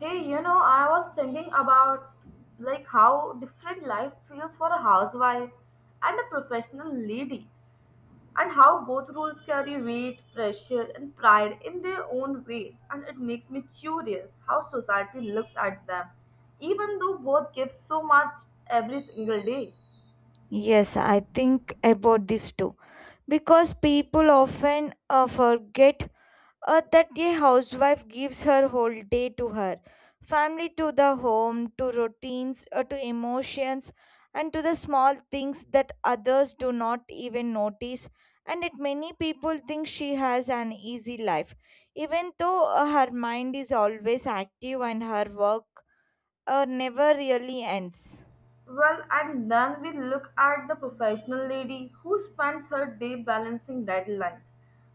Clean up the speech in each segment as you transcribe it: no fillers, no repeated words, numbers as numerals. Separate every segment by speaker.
Speaker 1: Hey, you know, I was thinking about like how different life feels for a housewife and a professional lady, and how both roles carry weight, pressure, and pride in their own ways. And it makes me curious how society looks at them, even though both give so much every single day.
Speaker 2: Yes, I think about this too. Because people often forget that a housewife gives her whole day to her family, to the home, to routines, to emotions, and to the small things that others do not even notice. And yet, many people think she has an easy life, even though her mind is always active and her work never really ends.
Speaker 1: Well, and then we look at the professional lady who spends her day balancing deadlines,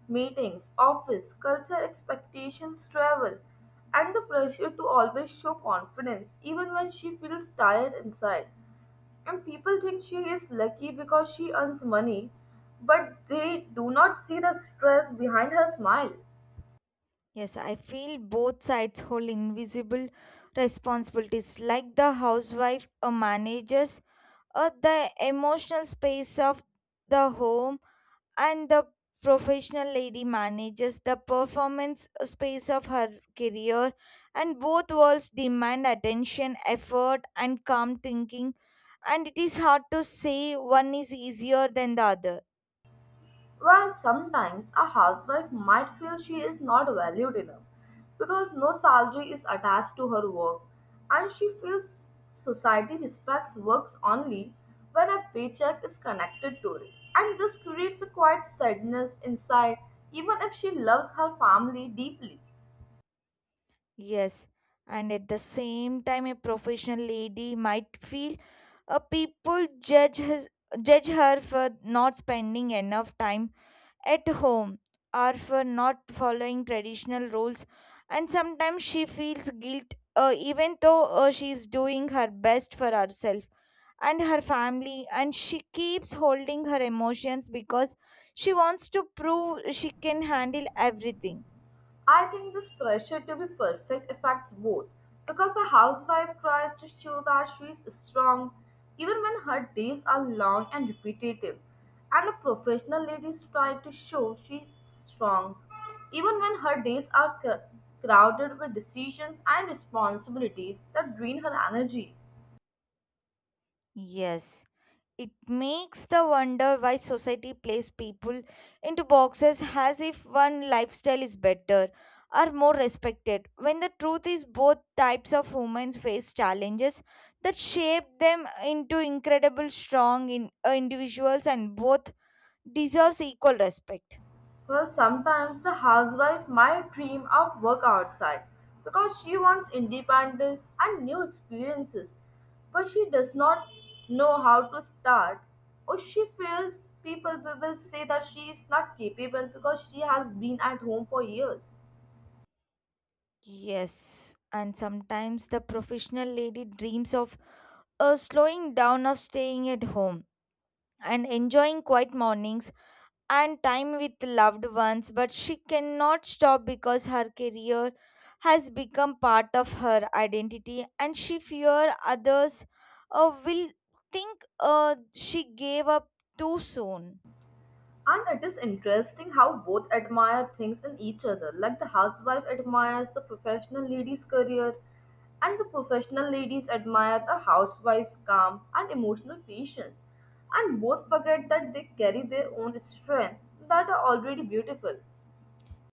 Speaker 1: meetings, office, culture expectations, travel, and the pressure to always show confidence even when she feels tired inside. And people think she is lucky because she earns money, but they do not see the stress behind her smile.
Speaker 2: Yes, I feel both sides hold invisible responsibilities, like the housewife or managers, or the emotional space of the home, and the professional lady manages the performance space of her career. And both worlds demand attention, effort, and calm thinking, and it is hard to say one is easier than the other.
Speaker 1: Well, sometimes a housewife might feel she is not valued enough because no salary is attached to her work, and she feels society respects works only when a paycheck is connected to it. And this creates a quiet sadness inside, even if she loves her family deeply.
Speaker 2: Yes, and at the same time, a professional lady might feel a people judge his, judge her for not spending enough time at home or for not following traditional rules, and sometimes she feels guilt, even though she is doing her best for herself and her family, and she keeps holding her emotions because she wants to prove she can handle everything.
Speaker 1: I think this pressure to be perfect affects both because a housewife tries to show that she is strong even when her days are long and repetitive, and a professional lady tries to show she is strong even when her days are crowded with decisions and responsibilities that drain her energy.
Speaker 2: Yes. It makes the wonder why society places people into boxes as if one lifestyle is better or more respected, when the truth is both types of humans face challenges that shape them into incredible strong individuals, and both deserves equal respect.
Speaker 1: Well, sometimes the housewife might dream of work outside because she wants independence and new experiences, but she does not know how to start, or she fears people will say that she is not capable because she has been at home for years.
Speaker 2: Yes, and sometimes the professional lady dreams of a slowing down of staying at home and enjoying quiet mornings and time with loved ones, but she cannot stop because her career has become part of her identity and she fear others will think she gave up too soon.
Speaker 1: And it is interesting how both admire things in each other. Like the housewife admires the professional lady's career, and the professional ladies admire the housewife's calm and emotional patience. And both forget that they carry their own strength that are already beautiful.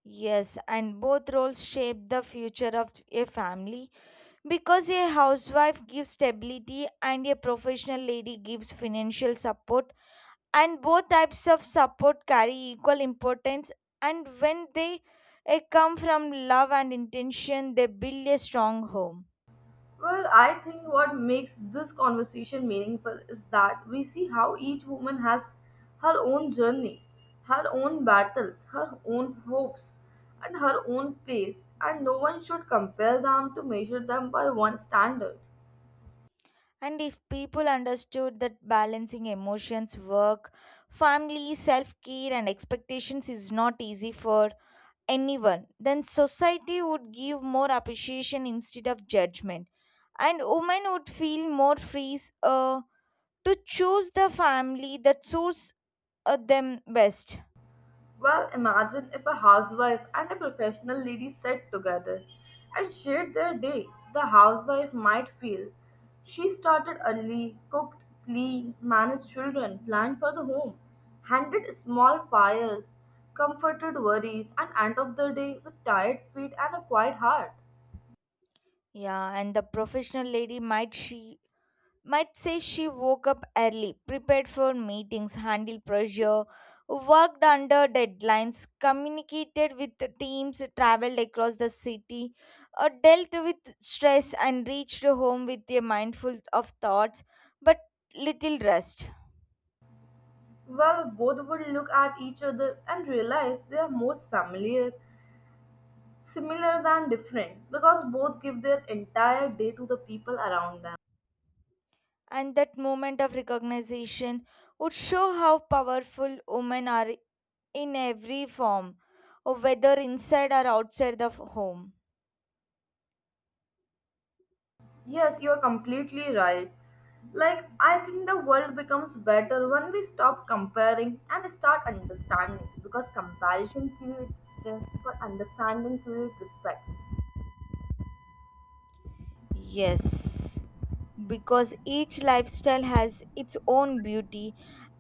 Speaker 2: Yes, and both roles shape the future of a family because a housewife gives stability and a professional lady gives financial support, and both types of support carry equal importance, and when they come from love and intention they build a strong home.
Speaker 1: Well, I think what makes this conversation meaningful is that we see how each woman has her own journey, her own battles, her own hopes, and her own pace, and no one should compare them to measure them by one standard.
Speaker 2: And if people understood that balancing emotions, work, family, self-care and expectations is not easy for anyone, then society would give more appreciation instead of judgment, and women would feel more free to choose the family that suits them best.
Speaker 1: Well, imagine if a housewife and a professional lady sat together and shared their day. The housewife might feel she started early, cooked, cleaned, managed children, planned for the home, handled small fires, comforted worries, and end of the day with tired feet and a quiet heart.
Speaker 2: Yeah, and the professional lady might she might say she woke up early, prepared for meetings, handled pressure, worked under deadlines, communicated with the teams, traveled across the city, dealt with stress and reached home with a mindful of thoughts but little rest.
Speaker 1: Well, both would look at each other and realize they are most similar, similar than different because both give their entire day to the people around them.
Speaker 2: And that moment of recognition would show how powerful women are in every form, whether inside or outside the home.
Speaker 1: Yes, you are completely right. Like, I think the world becomes better when we stop comparing and start understanding because comparison creates distance, but understanding creates respect.
Speaker 2: Yes, because each lifestyle has its own beauty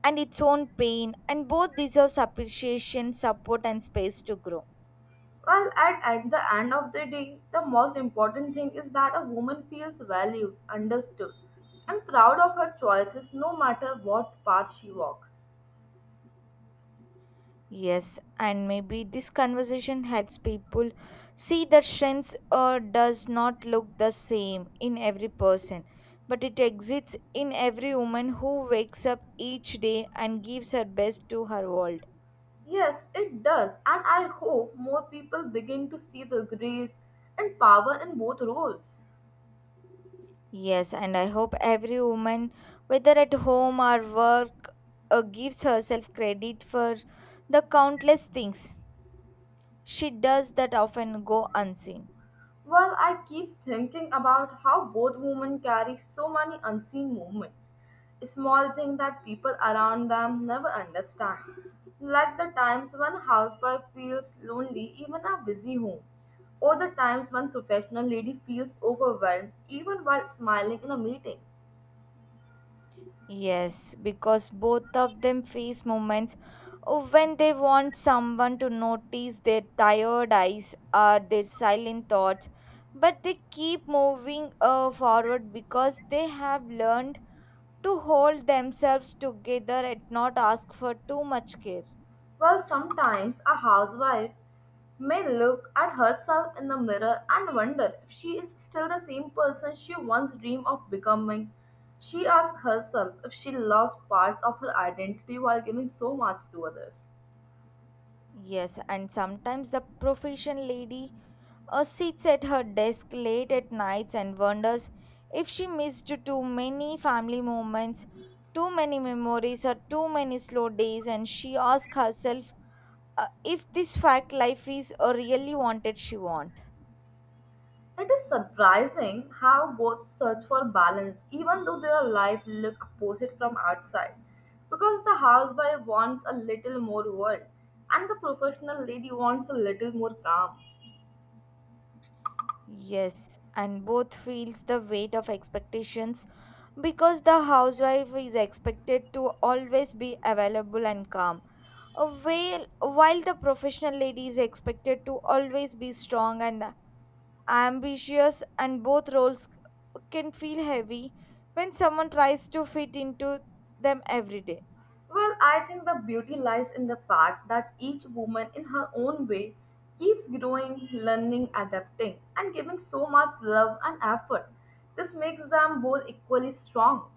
Speaker 2: and its own pain, and both deserves appreciation, support, and space to grow.
Speaker 1: Well, at the end of the day, the most important thing is that a woman feels valued, understood, and proud of her choices no matter what path she walks.
Speaker 2: Yes, and maybe this conversation helps people see that strengths does not look the same in every person, but it exists in every woman who wakes up each day and gives her best to her world.
Speaker 1: Yes, it does, and I hope more people begin to see the grace and power in both roles.
Speaker 2: Yes, and I hope every woman, whether at home or work, gives herself credit for the countless things she does that often go unseen.
Speaker 1: Well, I keep thinking about how both women carry so many unseen moments, small things that people around them never understand. Like the times when a housewife feels lonely, even a busy home, or the times when professional lady feels overwhelmed, even while smiling in a meeting.
Speaker 2: Yes, because both of them face moments when they want someone to notice their tired eyes or their silent thoughts, but they keep moving forward because they have learned to hold themselves together and not ask for too much care.
Speaker 1: Well, sometimes a housewife may look at herself in the mirror and wonder if she is still the same person she once dreamed of becoming. She asks herself if she lost parts of her identity while giving so much to others.
Speaker 2: Yes, and sometimes the profession lady sits at her desk late at nights and wonders if she missed too many family moments, too many memories, or too many slow days, and she asks herself if this fact life is a really wanted she want.
Speaker 1: It is surprising how both search for balance even though their life look opposite from outside. Because the housewife wants a little more world and the professional lady wants a little more calm.
Speaker 2: Yes, and both feels the weight of expectations because the housewife is expected to always be available and calm. While the professional lady is expected to always be strong and ambitious, and both roles can feel heavy when someone tries to fit into them every day.
Speaker 1: Well, I think the beauty lies in the fact that each woman, in her own way, keeps growing, learning, adapting, and giving so much love and effort. This makes them both equally strong.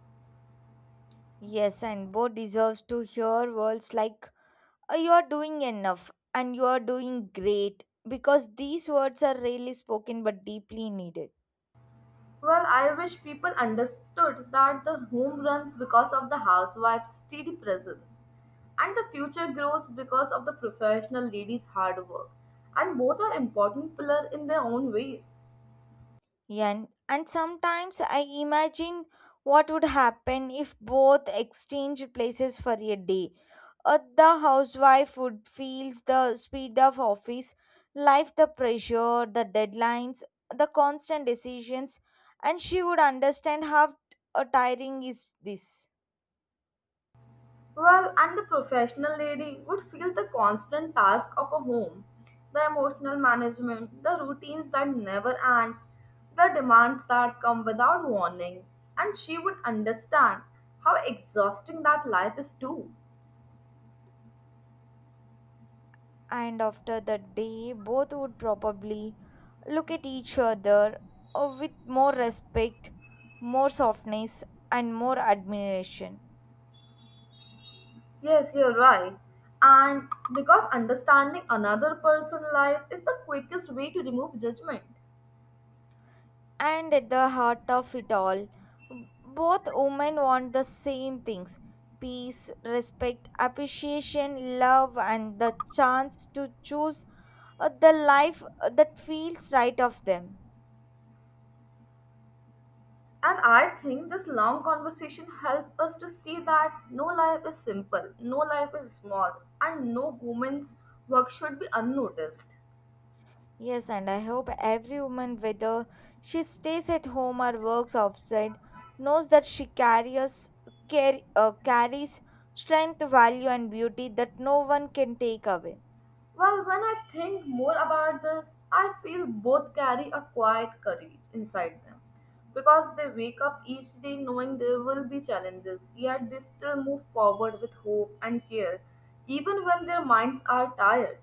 Speaker 2: Yes, and both deserves to hear words like you're doing enough and you're doing great, because these words are rarely spoken but deeply needed.
Speaker 1: Well, I wish people understood that the home runs because of the housewife's steady presence, and the future grows because of the professional lady's hard work, and both are important pillars in their own ways.
Speaker 2: And sometimes I imagine what would happen if both exchanged places for a day. The housewife would feel the speed of office life, the pressure, the deadlines, the constant decisions, and she would understand how tiring is this.
Speaker 1: Well, and the professional lady would feel the constant task of a home, the emotional management, the routines that never ends, the demands that come without warning, and she would understand how exhausting that life is too.
Speaker 2: And after that day both would probably look at each other with more respect, more softness, and more admiration.
Speaker 1: Yes, you're right. And because understanding another person's life is the quickest way to remove judgment.
Speaker 2: And at the heart of it all, both women want the same things: peace, respect, appreciation, love, and the chance to choose the life that feels right of them.
Speaker 1: And I think this long conversation helped us to see that no life is simple, no life is small, and no woman's work should be unnoticed.
Speaker 2: Yes, and I hope every woman, whether she stays at home or works outside, knows that she carries strength, value, and beauty that no one can take away.
Speaker 1: Well, when I think more about this, I feel both carry a quiet courage inside them because they wake up each day knowing there will be challenges, yet they still move forward with hope and care, even when their minds are tired.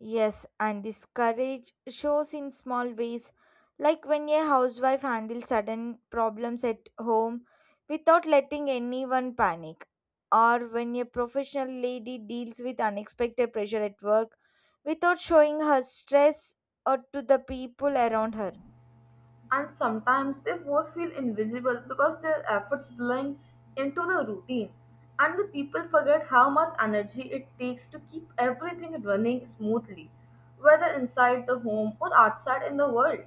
Speaker 2: Yes, and this courage shows in small ways, like when a housewife handles sudden problems at home without letting anyone panic, or when a professional lady deals with unexpected pressure at work without showing her stress or to the people around her.
Speaker 1: And sometimes they both feel invisible because their efforts blend into the routine, and the people forget how much energy it takes to keep everything running smoothly, whether inside the home or outside in the world.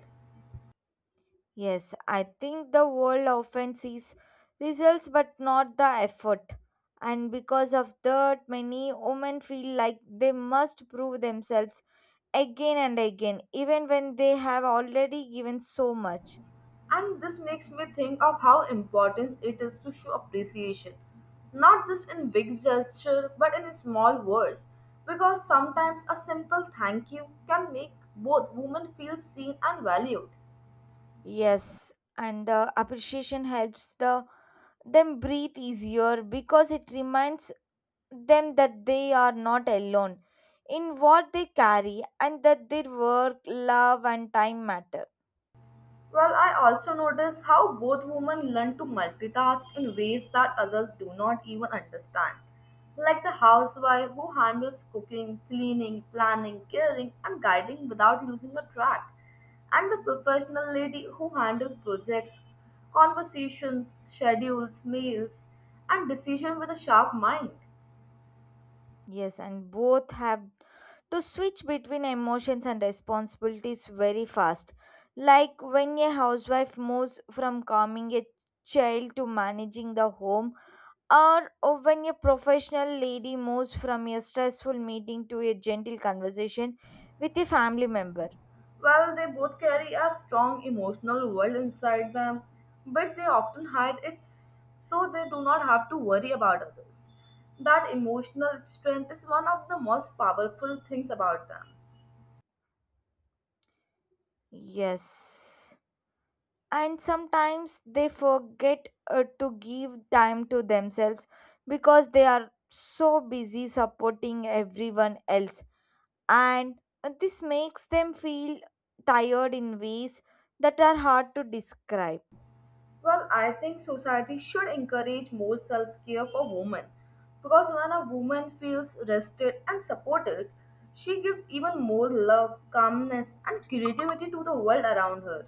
Speaker 2: Yes, I think the world often sees results but not the effort. And because of that, many women feel like they must prove themselves again and again, even when they have already given so much.
Speaker 1: And this makes me think of how important it is to show appreciation, not just in big gesture but in small words, because sometimes a simple thank you can make both women feel seen and valued.
Speaker 2: Yes, and the appreciation helps the them breathe easier because it reminds them that they are not alone in what they carry and that their work, love, and time matter.
Speaker 1: Well, I also notice how both women learn to multitask in ways that others do not even understand. Like the housewife who handles cooking, cleaning, planning, caring, and guiding without losing a track, and the professional lady who handles projects, conversations, schedules, mails, and decision with a sharp mind.
Speaker 2: Yes, and both have to switch between emotions and responsibilities very fast. Like when a housewife moves from calming a child to managing the home, or oh, when a professional lady moves from a stressful meeting to a gentle conversation with a family member.
Speaker 1: Well, they both carry a strong emotional world inside them, but they often hide it so they do not have to worry about others. That emotional strength is one of the most powerful things about them.
Speaker 2: Yes. And sometimes they forget to give time to themselves because they are so busy supporting everyone else. And this makes them feel tired in ways that are hard to describe.
Speaker 1: Well, I think society should encourage more self care for women because when a woman feels rested and supported, she gives even more love, calmness, and creativity to the world around her.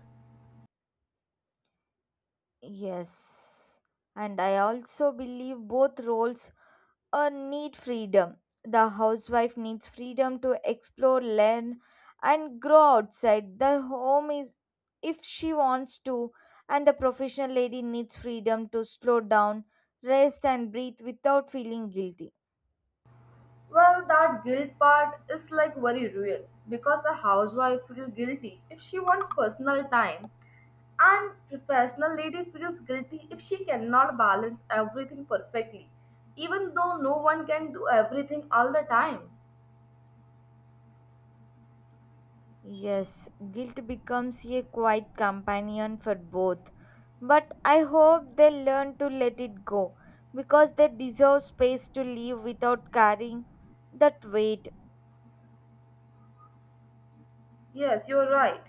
Speaker 2: Yes. And I also believe both roles need freedom. The housewife needs freedom to explore, learn, and grow outside the home is if she wants to, and the professional lady needs freedom to slow down, rest, and breathe without feeling guilty.
Speaker 1: Well, that guilt part is like very real because a housewife feels guilty if she wants personal time, and professional lady feels guilty if she cannot balance everything perfectly, even though no one can do everything all the time.
Speaker 2: Yes, guilt becomes a quiet companion for both, but I hope they learn to let it go because they deserve space to live without carrying that weight.
Speaker 1: Yes, you're right.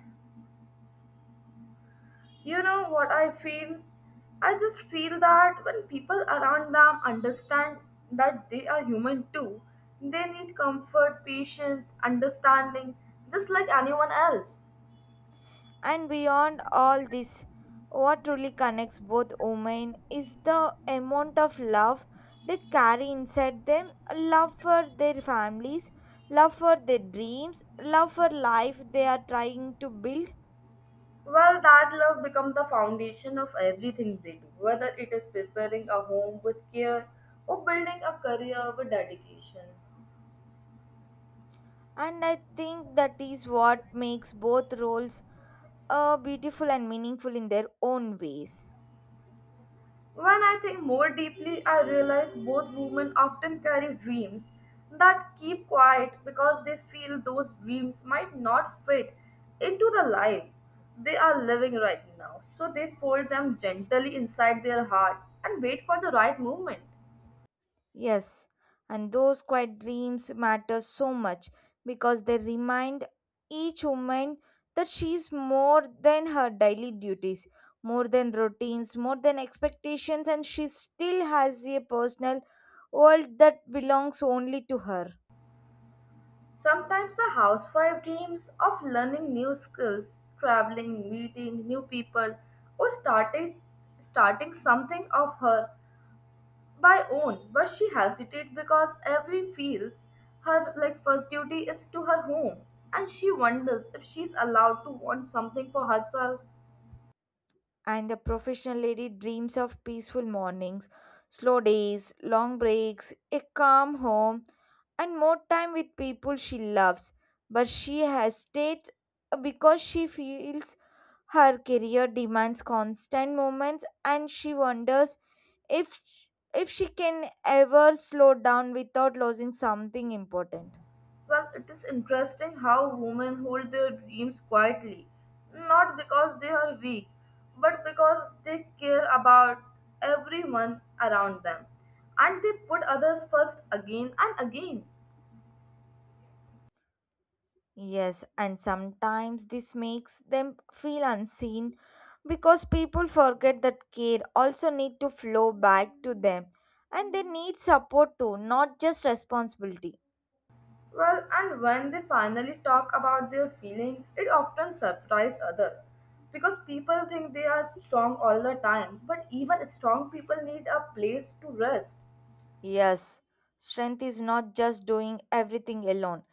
Speaker 1: You know what I feel? I just feel that when people around them understand that they are human too, they need comfort, patience, understanding, just like anyone else.
Speaker 2: And beyond all this, what truly connects both women is the amount of love they carry inside them: love for their families, love for their dreams, love for life they are trying to build.
Speaker 1: Well, that love becomes the foundation of everything they do, whether it is preparing a home with care or building a career with dedication.
Speaker 2: And I think that is what makes both roles beautiful and meaningful in their own ways.
Speaker 1: When I think more deeply, I realize both women often carry dreams that keep quiet because they feel those dreams might not fit into the life they are living right now. So they fold them gently inside their hearts and wait for the right moment.
Speaker 2: Yes, and those quiet dreams matter so much because they remind each woman that she's more than her daily duties, more than routines, more than expectations, and she still has a personal world that belongs only to her.
Speaker 1: Sometimes the housewife dreams of learning new skills, traveling, meeting new people, or starting something of her by own, but she hesitates because every feels her like first duty is to her home, and she wonders if she's allowed to want something for herself.
Speaker 2: And the professional lady dreams of peaceful mornings, slow days, long breaks, a calm home, and more time with people she loves. But she hesitates because she feels her career demands constant moments and she wonders if if she can ever slow down without losing something important.
Speaker 1: Well, it is interesting how women hold their dreams quietly, not because they are weak, but because they care about everyone around them. And they put others first again and again.
Speaker 2: Yes, and sometimes this makes them feel unseen because people forget that care also need to flow back to them and they need support too, not just responsibility.
Speaker 1: Well, and when they finally talk about their feelings, it often surprises others. Because people think they are strong all the time, but even strong people need a place to rest.
Speaker 2: Yes, strength is not just doing everything alone.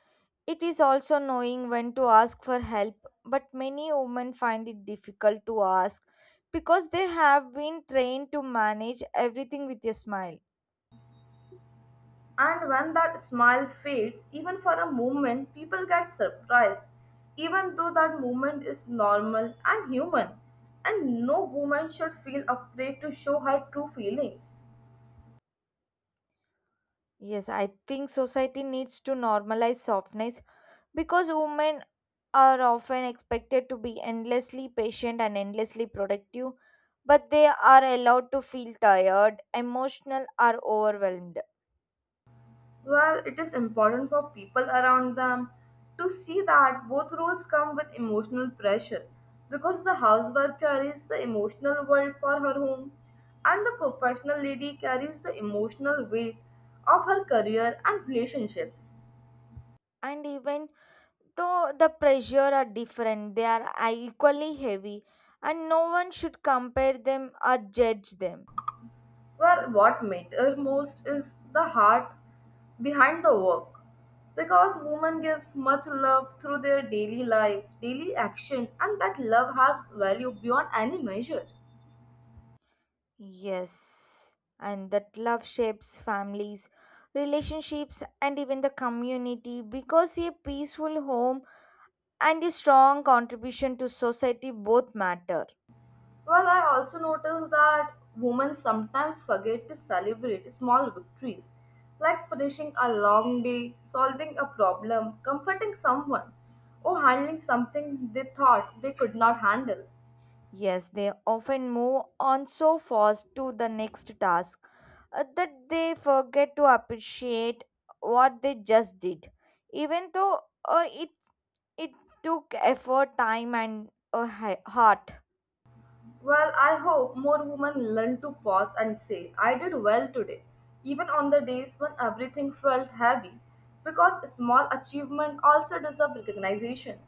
Speaker 2: It is also knowing when to ask for help, but many women find it difficult to ask because they have been trained to manage everything with a smile.
Speaker 1: And when that smile fades, even for a moment, people get surprised, even though that moment is normal and human. And no woman should feel afraid to show her true feelings.
Speaker 2: Yes, I think society needs to normalize softness because women are often expected to be endlessly patient and endlessly productive, but they are allowed to feel tired, emotional, or overwhelmed.
Speaker 1: Well, it is important for people around them to see that both roles come with emotional pressure because the housewife carries the emotional world for her home and the professional lady carries the emotional weight of her career and relationships.
Speaker 2: And even though the pressure are different, they are equally heavy, and no one should compare them or judge them.
Speaker 1: Well, what matters most is the heart behind the work. Because women gives much love through their daily lives, daily action, and that love has value beyond any measure.
Speaker 2: Yes, and that love shapes families, relationships, and even the community because a peaceful home and a strong contribution to society both matter.
Speaker 1: Well, I also noticed that women sometimes forget to celebrate small victories, like finishing a long day, solving a problem, comforting someone, or handling something they thought they could not handle.
Speaker 2: Yes, they often move on so fast to the next task that they forget to appreciate what they just did, even though it took effort, time, and heart.
Speaker 1: Well, I hope more women learn to pause and say, I did well today, even on the days when everything felt heavy, because small achievement also deserve recognition.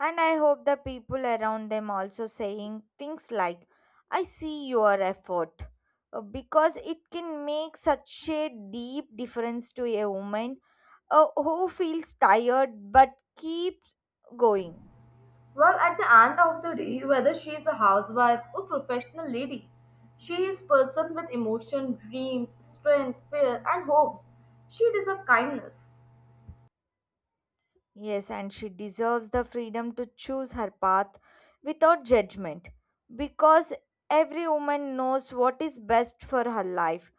Speaker 2: And I hope the people around them also saying things like, "I see your effort." Because it can make such a deep difference to a woman who feels tired but keeps going.
Speaker 1: Well, at the end of the day, whether she is a housewife or professional lady, she is person with emotion, dreams, strength, fear, and hopes. She deserves kindness.
Speaker 2: Yes, and she deserves the freedom to choose her path without judgment because every woman knows what is best for her life.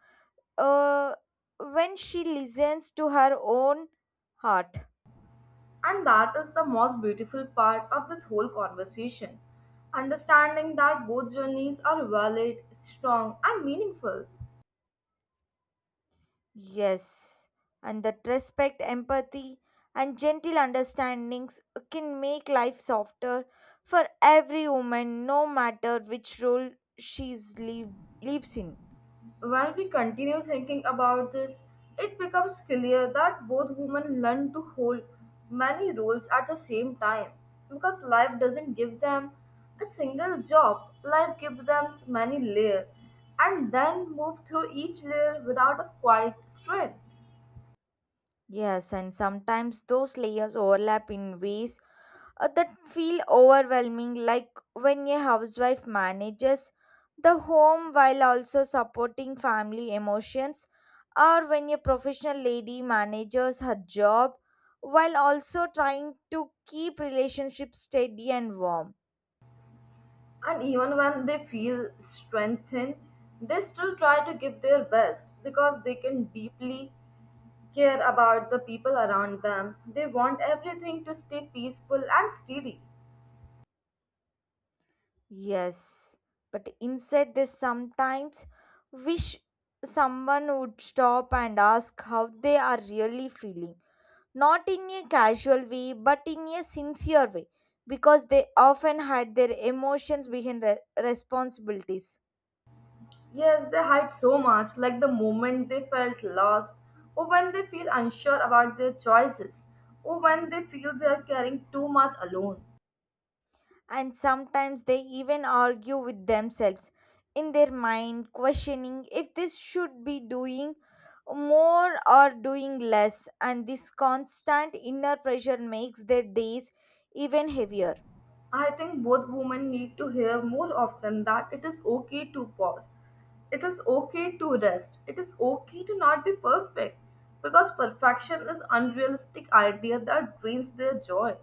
Speaker 2: Uh, when she listens to her own heart.
Speaker 1: And that is the most beautiful part of this whole conversation understanding that both journeys are valid, strong, and meaningful.
Speaker 2: Yes, and that respect, empathy, and gentle understandings can make life softer for every woman, no matter which role she lives in.
Speaker 1: When we continue thinking about this, it becomes clear that both women learn to hold many roles at the same time because life doesn't give them a single job, life gives them many layers and then move through each layer without a quiet strength.
Speaker 2: Yes, and sometimes those layers overlap in ways that feel overwhelming, like when a housewife manages the home while also supporting family emotions, or when a professional lady manages her job while also trying to keep relationships steady and warm.
Speaker 1: And even when they feel strengthened, they still try to give their best because they can deeply care about the people around them. They want everything to stay peaceful and steady.
Speaker 2: Yes, but inside this sometimes wish someone would stop and ask how they are really feeling, not in a casual way but in a sincere way, because they often hide their emotions behind responsibilities.
Speaker 1: Yes, they hide so much, like the moment they felt lost, or when they feel unsure about their choices, or when they feel they are carrying too much alone.
Speaker 2: And sometimes they even argue with themselves in their mind, questioning if this should be doing more or doing less, and this constant inner pressure makes their days even heavier.
Speaker 1: I think both women need to hear more often that it is okay to pause. It is okay to rest. It is okay to not be perfect because perfection is unrealistic idea that drains their joy.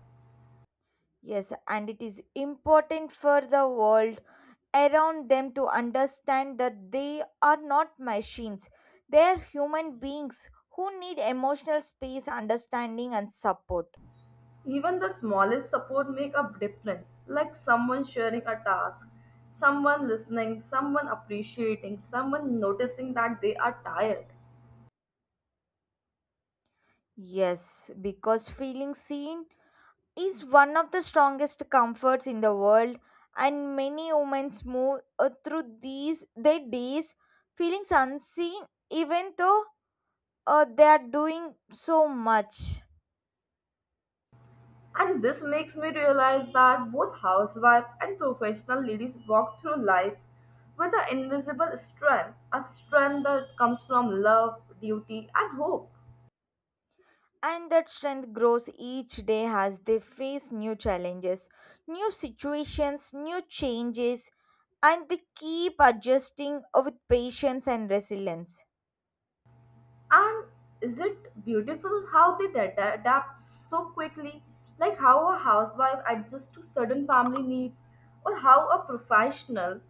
Speaker 2: Yes, and it is important for the world around them to understand that they are not machines. They are human beings who need emotional space, understanding, and support.
Speaker 1: Even the smallest support make a difference, like someone sharing a task, someone listening, someone appreciating, someone noticing that they are tired.
Speaker 2: Yes, because feeling seen is one of the strongest comforts in the world, and many women move through these their days feeling unseen, even though they are doing so much.
Speaker 1: And this makes me realize that both housewife and professional ladies walk through life with an invisible strength, a strength that comes from love, duty, and hope.
Speaker 2: And that strength grows each day as they face new challenges, new situations, new changes, and they keep adjusting with patience and resilience.
Speaker 1: And is it beautiful how they adapt so quickly, like how a housewife adjusts to sudden family needs, or how a professional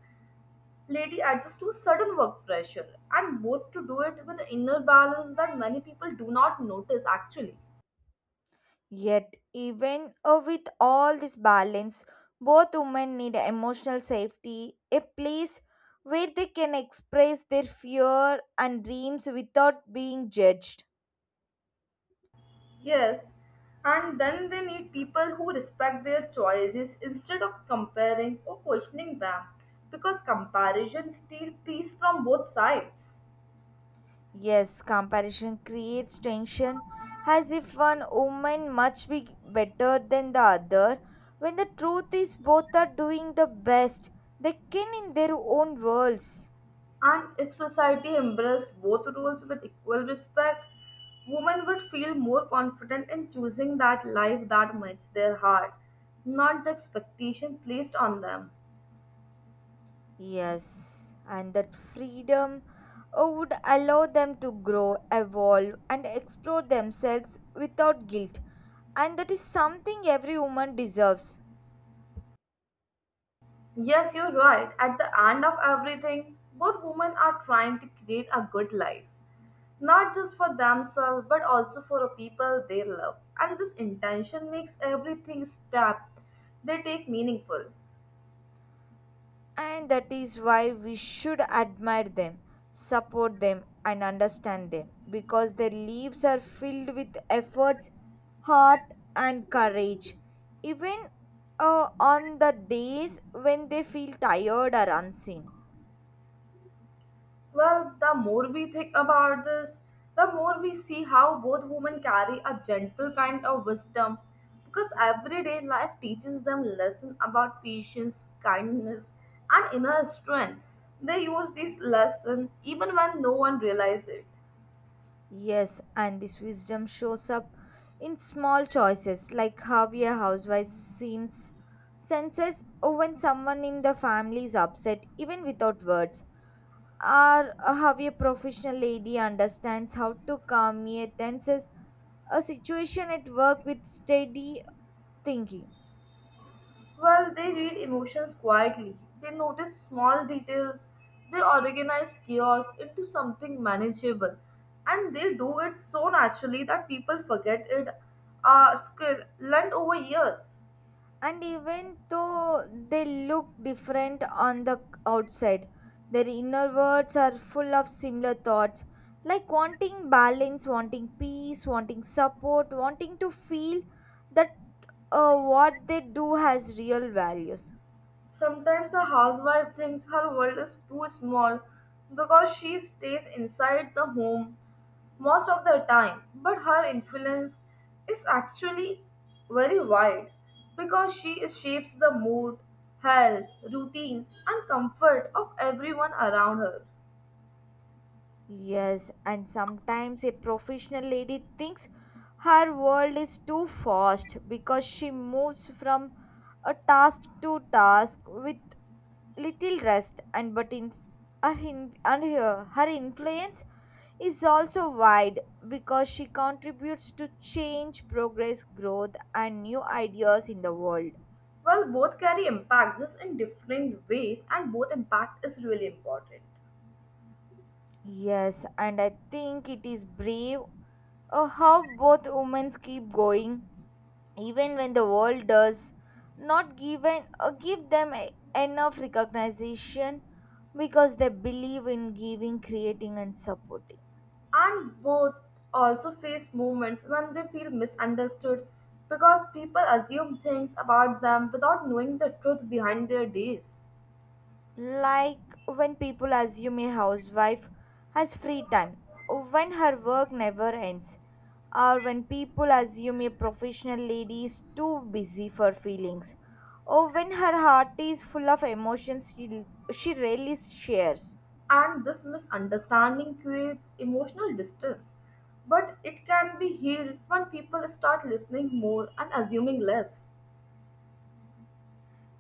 Speaker 1: lady adjusts to sudden work pressure, and both to do it with the inner balance that many people do not notice actually.
Speaker 2: Yet, even with all this balance, both women need emotional safety, a place where they can express their fear and dreams without being judged.
Speaker 1: Yes, and then they need people who respect their choices instead of comparing or questioning them because comparison steals peace from both sides.
Speaker 2: Yes, comparison creates tension, as if one woman must be better than the other, when the truth is both are doing the best they can in their own worlds.
Speaker 1: And if society embraced both rules with equal respect, women would feel more confident in choosing that life that matches their heart, not the expectation placed on them.
Speaker 2: Yes, and that freedom would allow them to grow, evolve, and explore themselves without guilt, and that is something every woman deserves.
Speaker 1: Yes, you're right. At the end of everything, both women are trying to create a good life. Not just for themselves but also for a people they love and this intention makes everything step they take meaningful.
Speaker 2: And that is why we should admire them, support them, and understand them, because their lives are filled with efforts, heart, and courage. Even on the days when they feel tired or unseen.
Speaker 1: Well, the more we think about this, the more we see how both women carry a gentle kind of wisdom because everyday life teaches them lesson about patience kindness and inner strength. They use this lesson even when no one realizes it.
Speaker 2: Yes, and this wisdom shows up in small choices, like how a housewife seems senses or when someone in the family is upset, even without words, or how a professional lady understands how to calm a tense a situation at work with steady thinking.
Speaker 1: Well, they read emotions quietly. They notice small details. They organize chaos into something manageable. And they do it so naturally that people forget it. A skill learned over years.
Speaker 2: And even though they look different on the outside, their inner words are full of similar thoughts, like wanting balance, wanting peace, wanting support, wanting to feel that what they do has real values.
Speaker 1: Sometimes a housewife thinks her world is too small because she stays inside the home most of the time, but her influence is actually very wide because she shapes the mood, health, routines, and comfort of everyone around her.
Speaker 2: Yes, and sometimes a professional lady thinks her world is too fast because she moves from a task to task with little rest, and but in her, in, and her, her influence is also wide, because she contributes to change, progress, growth, and new ideas in the world.
Speaker 1: Well, both carry impacts just in different ways, and both impact is really important.
Speaker 2: Yes, and I think it is brave how both women keep going even when the world does not give them enough recognition, because they believe in giving, creating, and supporting.
Speaker 1: And both also face moments when they feel misunderstood because people assume things about them without knowing the truth behind their days.
Speaker 2: Like when people assume a housewife has free time, when her work never ends, or when people assume a professional lady is too busy for feelings, or when her heart is full of emotions she rarely shares.
Speaker 1: And this misunderstanding creates emotional distance, but it can be healed when people start listening more and assuming less.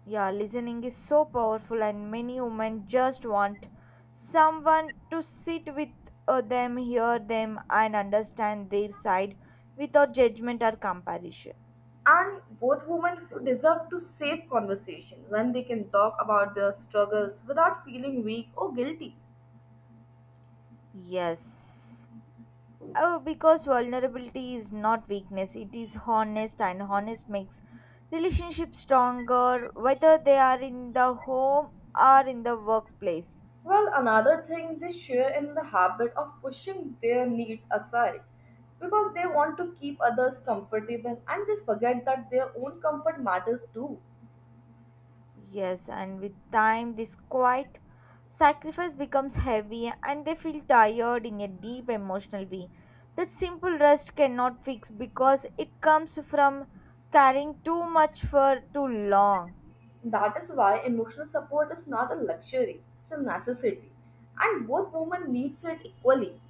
Speaker 2: Yeah, listening is so powerful, and many women just want someone to sit with them, hear them, and understand their side without judgment or comparison.
Speaker 1: And both women deserve to safe conversation when they can talk about their struggles without feeling weak or guilty.
Speaker 2: Yes. Oh, because vulnerability is not weakness, it is honest, and honest makes relationships stronger, whether they are in the home or in the workplace.
Speaker 1: Well, another thing they share in the habit of pushing their needs aside because they want to keep others comfortable and they forget that their own comfort matters too.
Speaker 2: Yes, and with time, this quiet sacrifice becomes heavy, and they feel tired in a deep emotional way that simple rest cannot fix, because it comes from carrying too much for too long.
Speaker 1: That is why emotional support is not a luxury, it's a necessity. And both women needs it equally.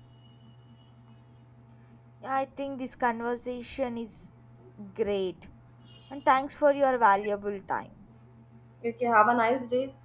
Speaker 2: Yeah, I think this conversation is great. And thanks for your valuable time.
Speaker 1: You can have a nice day.